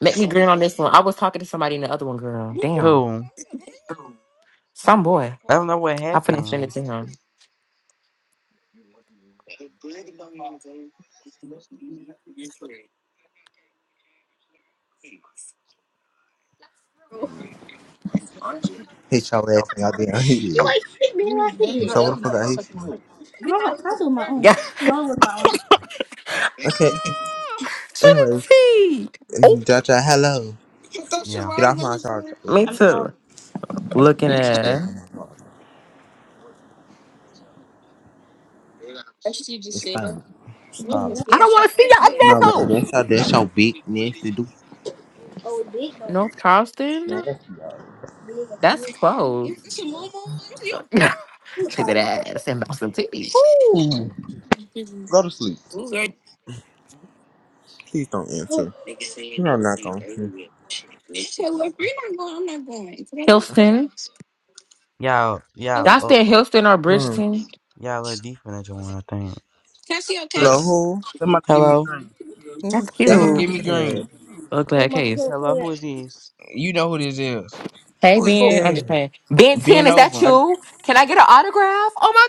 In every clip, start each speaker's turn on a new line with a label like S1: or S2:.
S1: Make me grin on this one. I was talking to somebody in the other one, girl. Damn.
S2: Who?
S1: Some boy.
S2: I don't know what
S1: I finna send it
S2: happened.
S1: to him.
S3: Hit your ass and y'all didn't hit You you. ain't hit me right here. So what the fuck I hit you? I don't. I do my own.
S1: Yeah,
S3: No, it was my own. Okay, anyways,
S1: Trinity. Oh,
S3: Jaja, hello.
S2: Yeah.
S3: Get off my charger, please.
S1: me
S3: I'm not.
S1: too. Looking
S3: Get
S1: at.
S3: off my charger. It's fine. Baby,
S1: I don't
S3: Stop. Nigga, that's not
S1: want
S3: that
S1: to see your
S3: big.
S1: ugly ass
S3: No, baby,
S1: house.
S3: that's your, that's your big nasty do. Oh, big though.
S1: North Charleston?
S3: Nasty, y'all. Big. I
S1: That's
S3: can't
S1: close. Shake
S3: call
S1: that
S3: it what
S1: ass and bounce some titties.
S3: Ooh. Go to sleep. Please don't answer. You are not going to.
S1: Houston?
S2: Y'all,
S1: Y'all
S2: y'all,
S1: stay in
S2: uh,
S1: Houston or
S3: Hmm.
S1: Bridgeton?
S2: y'all are deep in the one I think.
S4: green.
S3: Hello, who?
S4: Somebody give me
S2: Hello?
S4: green.
S1: That's
S3: Who's
S4: I go
S1: cute.
S4: give me
S3: there?
S4: green.
S1: Look
S3: Oh,
S1: like a case.
S2: Hello,
S3: mama,
S2: who is this?
S4: You know who this is.
S1: Hey,
S3: Who is
S2: Who?
S1: Ben. I'm just
S3: there?
S1: playing. Ben
S4: Ben
S1: 10, is that
S4: over.
S2: Uh,
S1: you? Can I get an autograph? Oh my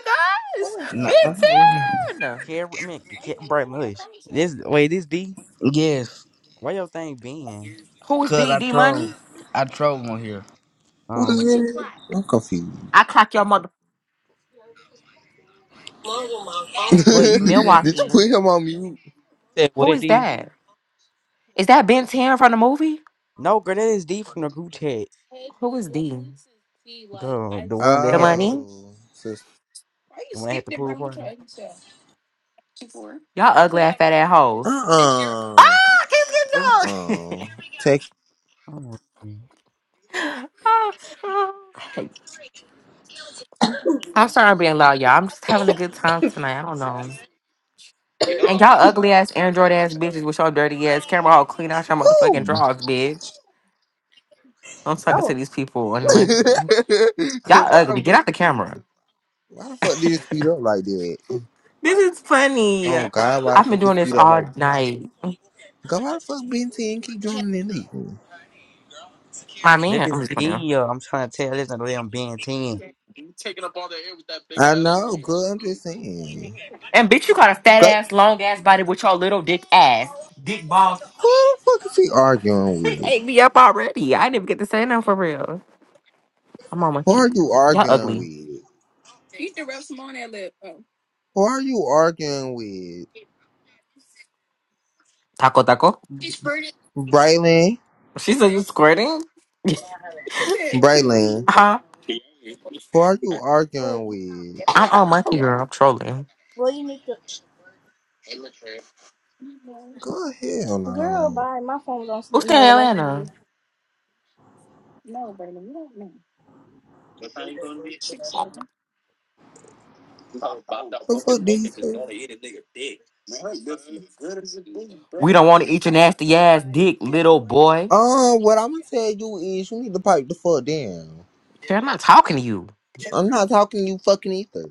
S1: gosh.
S3: Who is it?
S4: No.
S3: I don't know.
S1: Ben 10.
S2: Care, I mean, Care, Bright Lush. This, wait, this D?
S4: Yes.
S2: Where your thing been?
S1: Who is
S4: Cause
S1: D?
S4: I
S1: D Money?
S4: troll. I troll on here.
S3: Who is
S2: Um,
S3: it? I'm confused.
S1: I clock your mother.
S3: Mom, you're my phone.
S4: But you need to
S3: Did you
S1: Milwaukee.
S3: put him on mute?
S2: said
S1: Who
S2: what
S1: is
S2: D?
S1: that? Is that Ben 10 from the movie?
S2: No, girl, that is D from the group chat.
S1: Who is D?
S2: Girl, the one that
S1: The
S2: had the pool,
S1: money?
S3: Oh, sis.
S2: the one that had the pool party.
S1: Y'all ugly ass fat ass
S3: Uh
S1: hoes.
S3: uh-uh.
S1: Ah,
S2: Oh,
S1: kiss, get
S3: uh.
S1: dog.
S3: Take
S2: oh.
S1: I'm sorry I'm being loud, y'all. I'm just having a good time tonight. I don't know. And y'all ugly ass Android ass bitches with your dirty ass camera all clean out your motherfucking
S3: who?
S1: drawers, bitch. I'm talking to
S3: Oh,
S1: these people and like
S3: Cause
S1: y'all
S3: why the
S1: ugly. Get
S3: fuck?
S1: out the camera.
S3: Why the fuck did it speed up like that?
S1: This is funny.
S3: Oh God, why the
S1: I've been
S3: fuck it
S1: doing this
S3: speed up
S1: all
S3: like that?
S1: night.
S3: God, why the fuck Ben 10 keep doing it? leaving?
S1: My
S2: That
S1: man, I'm
S2: is
S1: just playing.
S2: D, uh, I'm trying to tell, this not damn Ben 10. That
S3: I know, good. I'm just saying.
S1: And bitch, you got a fat
S3: Like,
S1: ass, long ass body with your little dick ass.
S3: who the fuck is he
S1: He
S3: arguing with?
S1: ate me up already. I didn't even get to say nothing for real. I'm on
S3: Who
S1: monkey.
S3: are you
S1: Y'all
S3: arguing
S1: ugly.
S3: with? Who are you arguing with?
S1: Taco taco.
S3: Braylon?
S1: She said you squirting?
S3: Braylon.
S1: Huh?
S3: Who are you arguing with?
S1: I'm on monkey girl. I'm trolling.
S3: Well, you need to. go hell no. Girl, no. bye. My phone's on
S1: Who's
S3: sleep
S1: in
S3: mode like
S1: Atlanta?
S3: you. The fuck do you say?
S1: We don't want to eat your nasty ass dick, little boy.
S3: Um, what I'm gonna tell you is you need to pipe the fuck down.
S1: Karen, I'm not talking to you.
S3: I'm not talking you fucking either.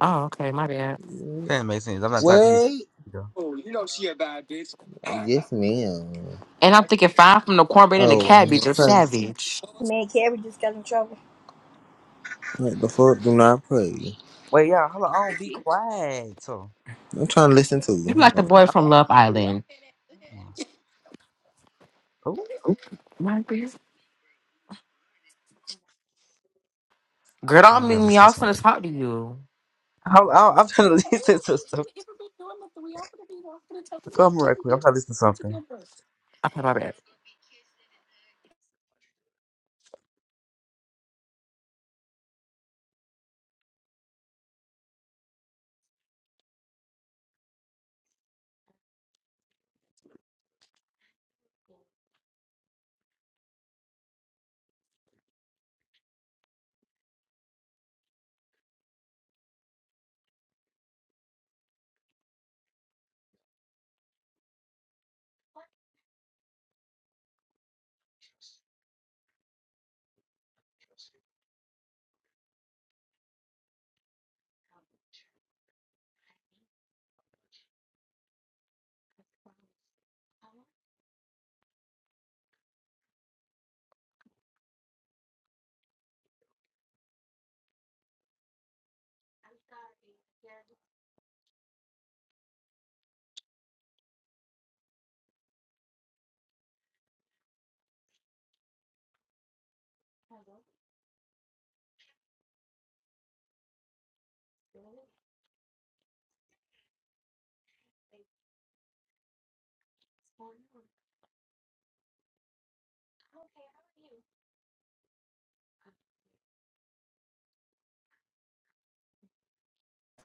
S1: Oh, okay, my bad.
S2: doesn't make sense. I'm not talking to
S3: What?
S2: you. girl.
S3: Yes, ma'am.
S1: And I'm thinking five from the cornbread and the
S3: Oh,
S1: cabbage, a
S3: okay.
S1: savage.
S3: Man, Carrie just got in trouble. What the fuck? Do not play.
S2: Wait, y'all, hold on, be quiet. so.
S3: I'm trying to listen to
S1: You
S3: you.
S1: like the boy
S2: Oh,
S1: from Love Island.
S2: oh,
S1: Oop, My bad. Girl, don't
S2: I gotta
S1: meet me.
S2: listen
S1: I
S2: to
S1: was gonna
S2: something.
S1: talk to you.
S2: How, I, I'm trying to listen to something. Come right quick. I'm trying to listen to something.
S1: Okay, my bad.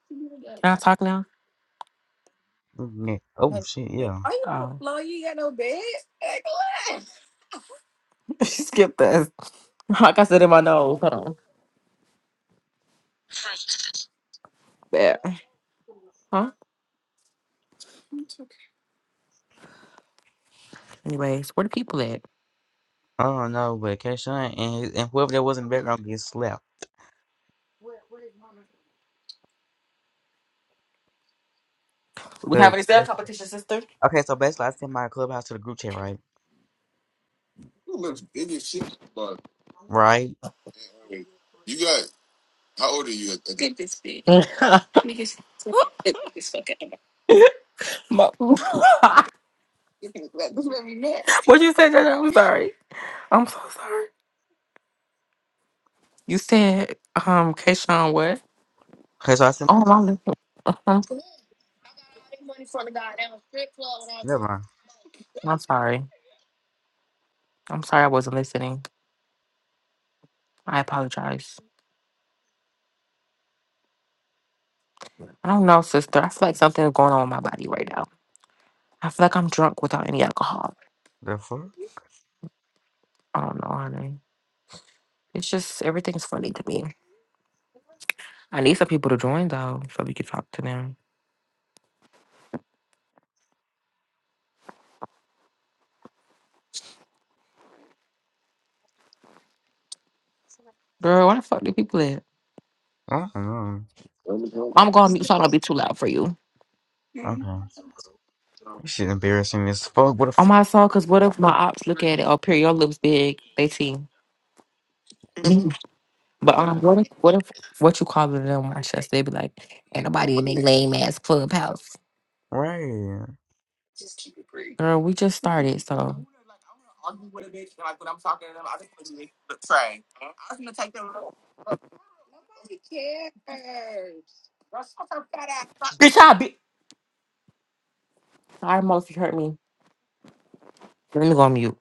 S1: Can I talk now?
S2: Mm, yeah. Oh shit, yeah.
S1: Oh. Skip this. Like I said in my nose. Hold on. Bad. Huh? Anyways, where the people at?
S2: I don't know, but Keshawn and and whoever that was in the background gets slapped.
S1: We
S2: 'Cause-
S1: having a sales competition, sister.
S2: okay, so basically I sent my clubhouse to the group chat, right? Right.
S1: what you said, JJ? I'm sorry. I'm so sorry. You said, um, Kayshawn, what?
S2: Okay, so I sent.
S1: Oh, I'm, listening. I'm so,
S2: Never mind.
S1: I'm sorry. I'm sorry I wasn't listening. I apologize. I don't know, sister. I feel like something is going on with my body right now. I feel like I'm drunk without any alcohol.
S2: The fuck?
S1: I don't know, honey. It's just everything's funny to me. I need some people to join though, so we can talk to them. Girl, where the fuck do people at?
S2: I don't know.
S1: I'm gonna mute so I don't be too loud for you.
S2: Okay. This shit embarrassing as fuck. What the
S1: On
S2: fuck?
S1: my song, cause what if my ops look at it? Oh, period, your lips big. They see. But um, what if what if what you call it them watch us? They be like, ain't nobody in their lame ass clubhouse.
S2: right.
S1: Girl, we just started, so Bitch, I- sorry, Mostly hurt me. Let me go on mute.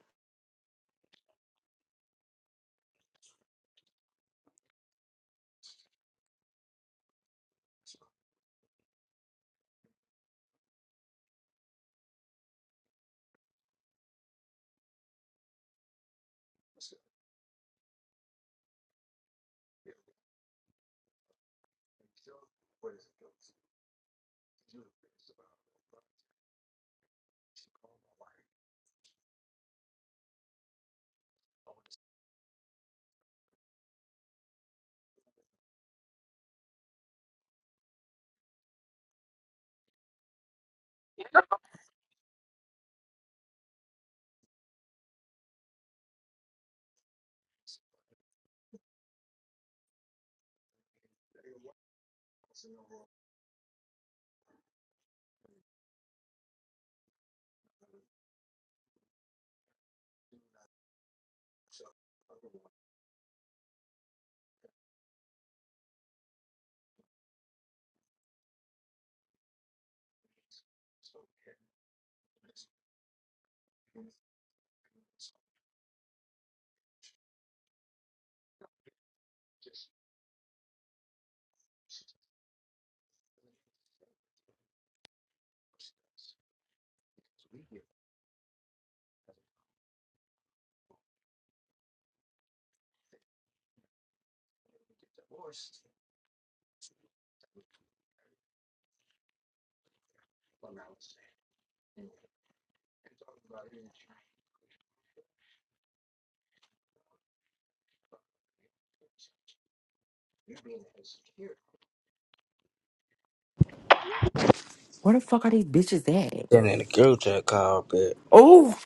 S1: Where the fuck are these bitches at?
S4: That in the group chat call, but
S1: Oh,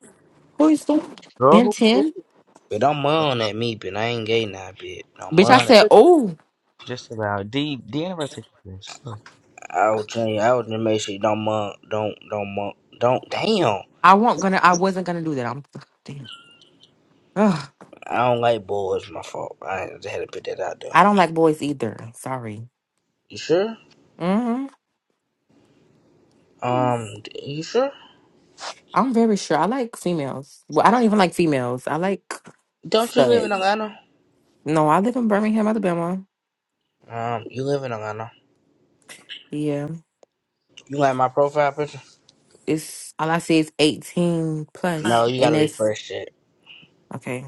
S1: who is that?
S2: Girl,
S1: Ben
S2: who did
S1: Ten?
S4: but don't
S2: it?
S4: moan at me, but I ain't gay now, bitch. Don't
S1: Bitch,
S2: He
S1: I
S4: moan. at-
S1: said,
S2: never-
S1: oh,
S2: Just about. D. D. Never said this.
S4: I was trying. I was just make sure you don't moan, don't don't moan, don't. Damn,
S1: I won't gonna, I wasn't gonna do that. I'm damn. Ugh,
S4: I don't like boys. My fault. I just had to put that out there.
S1: I don't like boys either. Sorry.
S4: You sure?
S1: Mm-hmm.
S4: Um, you sure?
S1: I'm very sure. I like females. Well, I don't even like females. I like
S4: Don't you live
S1: stud.
S4: in Atlanta?
S1: No, I live in Birmingham, Alabama.
S4: Um, you live in Atlanta.
S1: Yeah,
S4: You like my profile picture?
S1: it's all I see is 18 plus,
S4: No, you gotta
S1: and it's
S4: refresh it.
S1: okay.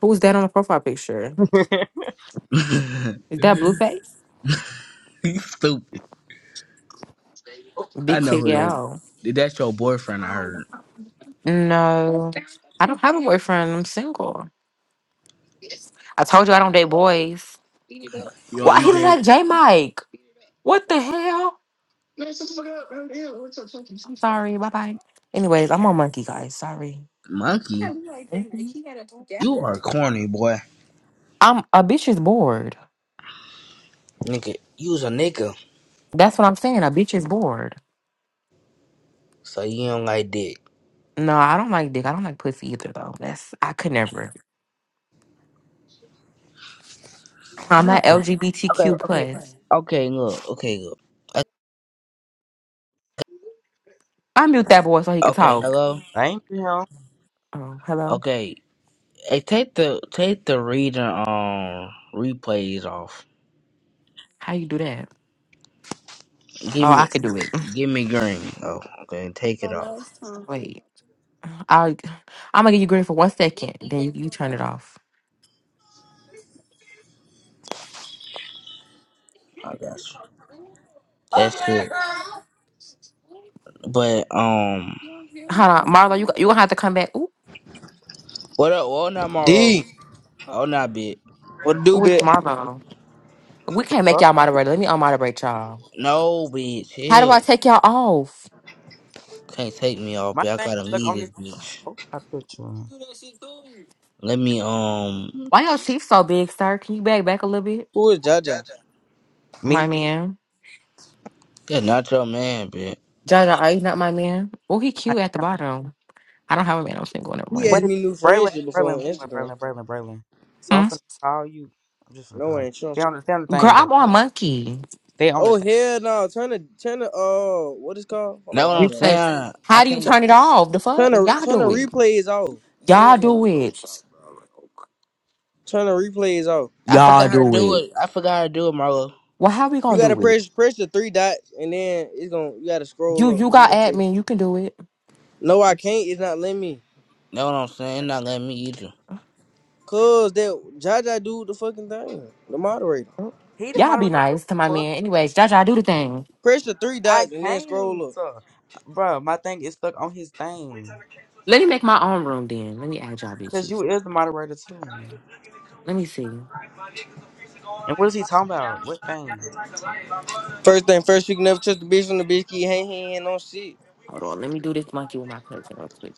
S1: Who's that on the profile picture? Is that Blueface?
S4: you stupid. I
S1: Big
S4: know
S1: titty
S4: who that.
S1: gal.
S4: Is. That's your boyfriend. I heard.
S1: No, I don't have a boyfriend. I'm single. I told you I don't date boys.
S4: Yo,
S1: Why
S4: you
S1: he look
S4: date
S1: like J Mike? What the hell? Sorry. Bye bye. Anyways, I'm on monkey guys. Sorry.
S4: monkey. You
S1: Mhm.
S4: are corny, boy.
S1: I'm a bitch is bored.
S4: Nigga, you was a nigga,
S1: That's what I'm saying. A bitch is bored.
S4: so you don't like dick.
S1: No, I don't like dick. I don't like pussy either though. That's I could never. I'm
S4: Oh
S1: not
S4: Okay,
S1: LGBTQ
S4: okay,
S1: plus.
S4: okay, look, okay, look.
S1: I mute that boy so he could
S4: Okay,
S1: talk.
S4: hello?
S2: I ain't him.
S1: Oh, hello.
S4: Okay. Hey, take the take the reading um replays off.
S1: How you do that?
S4: Give
S1: Oh, I
S4: me
S1: could do it.
S4: give me green. Oh, okay, take it off.
S1: Wait. I I'm gonna give you green for one second. Then you, you turn it off.
S4: I got you. That's it. But um
S1: Hold on, Marlo. You you gonna have to come back. Ooh,
S4: what up, what up, Mauro?
S5: D,
S4: Oh, not bitch.
S5: what do
S1: ooh, it's
S5: bit?
S1: Marlo. We
S2: The
S1: can't make
S2: fuck?
S1: y'all moderate. Let me unmoderate y'all.
S4: No, bitch.
S1: How do I
S4: Hell,
S1: take y'all off?
S4: can't take me off,
S2: My
S4: bitch. I
S2: thing
S4: gotta
S2: stuck
S4: leave
S2: on
S4: this
S2: this fucking
S4: bitch.
S2: profile picture.
S4: Let me, um,
S1: Why your teeth so big, sir? Can you back back a little bit?
S5: Who is Jaja?
S1: My
S2: Me?
S1: man.
S4: that's not your man, bitch.
S1: Jaja, are not my man? Well, he
S2: I
S1: cute at the
S2: am.
S1: bottom. I don't have a man. I'm single. Never
S5: He
S2: Wait,
S1: mind.
S5: asked me new
S2: Braylon,
S5: friendship before on
S2: Braylon, Braylon,
S5: Instagram.
S2: Braylon, Braylon, Braylon. So I'm
S1: Hmm?
S2: finna call you. I'm just gonna
S5: No,
S2: call
S5: I
S2: you.
S5: ain't sure.
S2: Stay on the, stay on the
S1: Girl,
S2: thing,
S1: I'm
S2: though.
S1: on monkey.
S2: Stay on the
S5: Oh
S2: thing.
S5: hell no! Turn the turn the uh what is called? Hold
S4: Know what
S5: on, I
S4: I'm
S1: You
S5: got it.
S1: say,
S4: saying? I
S1: how do you
S4: can't.
S1: turn it off? The fuck?
S5: Turn the
S1: Y'all
S5: turn the
S1: do it.
S5: replays off.
S1: Y'all
S5: Hell no!
S1: do it.
S5: Turn the replays off.
S4: I
S1: Y'all
S4: forgot how to
S1: do
S4: do
S1: it.
S4: it. I forgot how to do it, Marlo.
S1: Well, how we
S5: You
S1: gonna
S5: gotta
S1: do it?
S5: press press the three dots and then it's gonna you gotta
S1: You
S5: scroll up.
S1: you
S5: You
S1: got
S5: gonna say
S1: admin. You can do it.
S5: no, I can't. It's not letting me.
S4: Know what I'm saying? It Not letting me either.
S5: Cause that Jaja do the fucking thing. The moderator.
S2: He the
S1: Y'all be
S2: moderator, too.
S1: nice to
S2: The
S1: my
S2: fuck?
S1: man. Anyways, Jaja, do the thing.
S5: Press the three
S2: I
S5: dots and then
S2: can't.
S5: scroll up.
S2: Uh, Bruh, my thing is stuck on his thing.
S1: Let me make my own room then. Let me add y'all
S2: Cause
S1: bitches.
S2: you is the moderator, too.
S1: Let me see.
S2: And what is he talking about? What thing?
S5: First thing first, you can never trust the bitch when the bitch keep hanging on shit.
S1: Hold on. Let me do this monkey with my cousin real quick.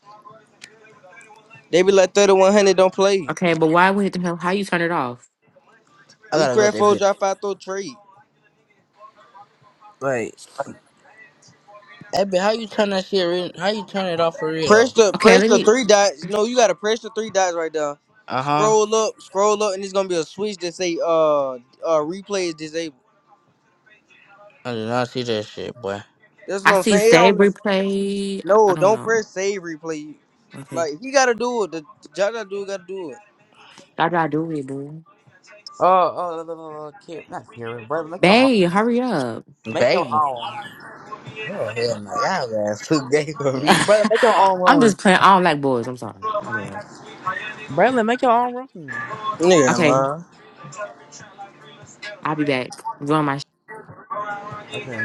S5: They be like thirty one hundred don't play.
S1: Okay, but why would the hell? How you turn it off?
S4: I
S5: We
S4: gotta go
S5: crash
S4: that
S5: four
S4: bitch.
S5: drop five, throw trade.
S4: Wait, hey, bitch, how you turn that shit? Re- how you turn it off for real
S5: Press
S4: though?
S5: the
S1: Okay,
S5: press
S1: let
S5: the
S1: me.
S5: three dots. No, you gotta press the three dots right there.
S4: Uh huh.
S5: Scroll up, scroll up, and it's gonna be a switch that say uh uh replay is disabled.
S4: I did not see that shit, boy.
S5: That's
S1: I
S5: what I'm
S1: see
S5: saying. It
S1: Sabri
S5: don't-
S1: play. I, I
S5: no,
S1: don't
S5: don't
S1: know.
S5: press save replay.
S1: Okay.
S5: Like he gotta do it. The Jaja dude gotta do it.
S1: How do I do it, boo?
S2: Oh, oh, uh, uh, uh, uh, kid, not Karen. Braylon, make your own.
S1: Babe, hurry up.
S2: Make your
S4: Baby.
S2: own.
S4: Oh hell no, y'all ass too gay for me.
S2: Braylon, make your own
S1: I'm just
S2: room.
S1: playing. I don't like boys. I'm sorry. My bad.
S2: Braylon, make your own room.
S5: Nigga,
S1: Okay.
S5: man.
S1: I'll be back. Join my
S2: Okay.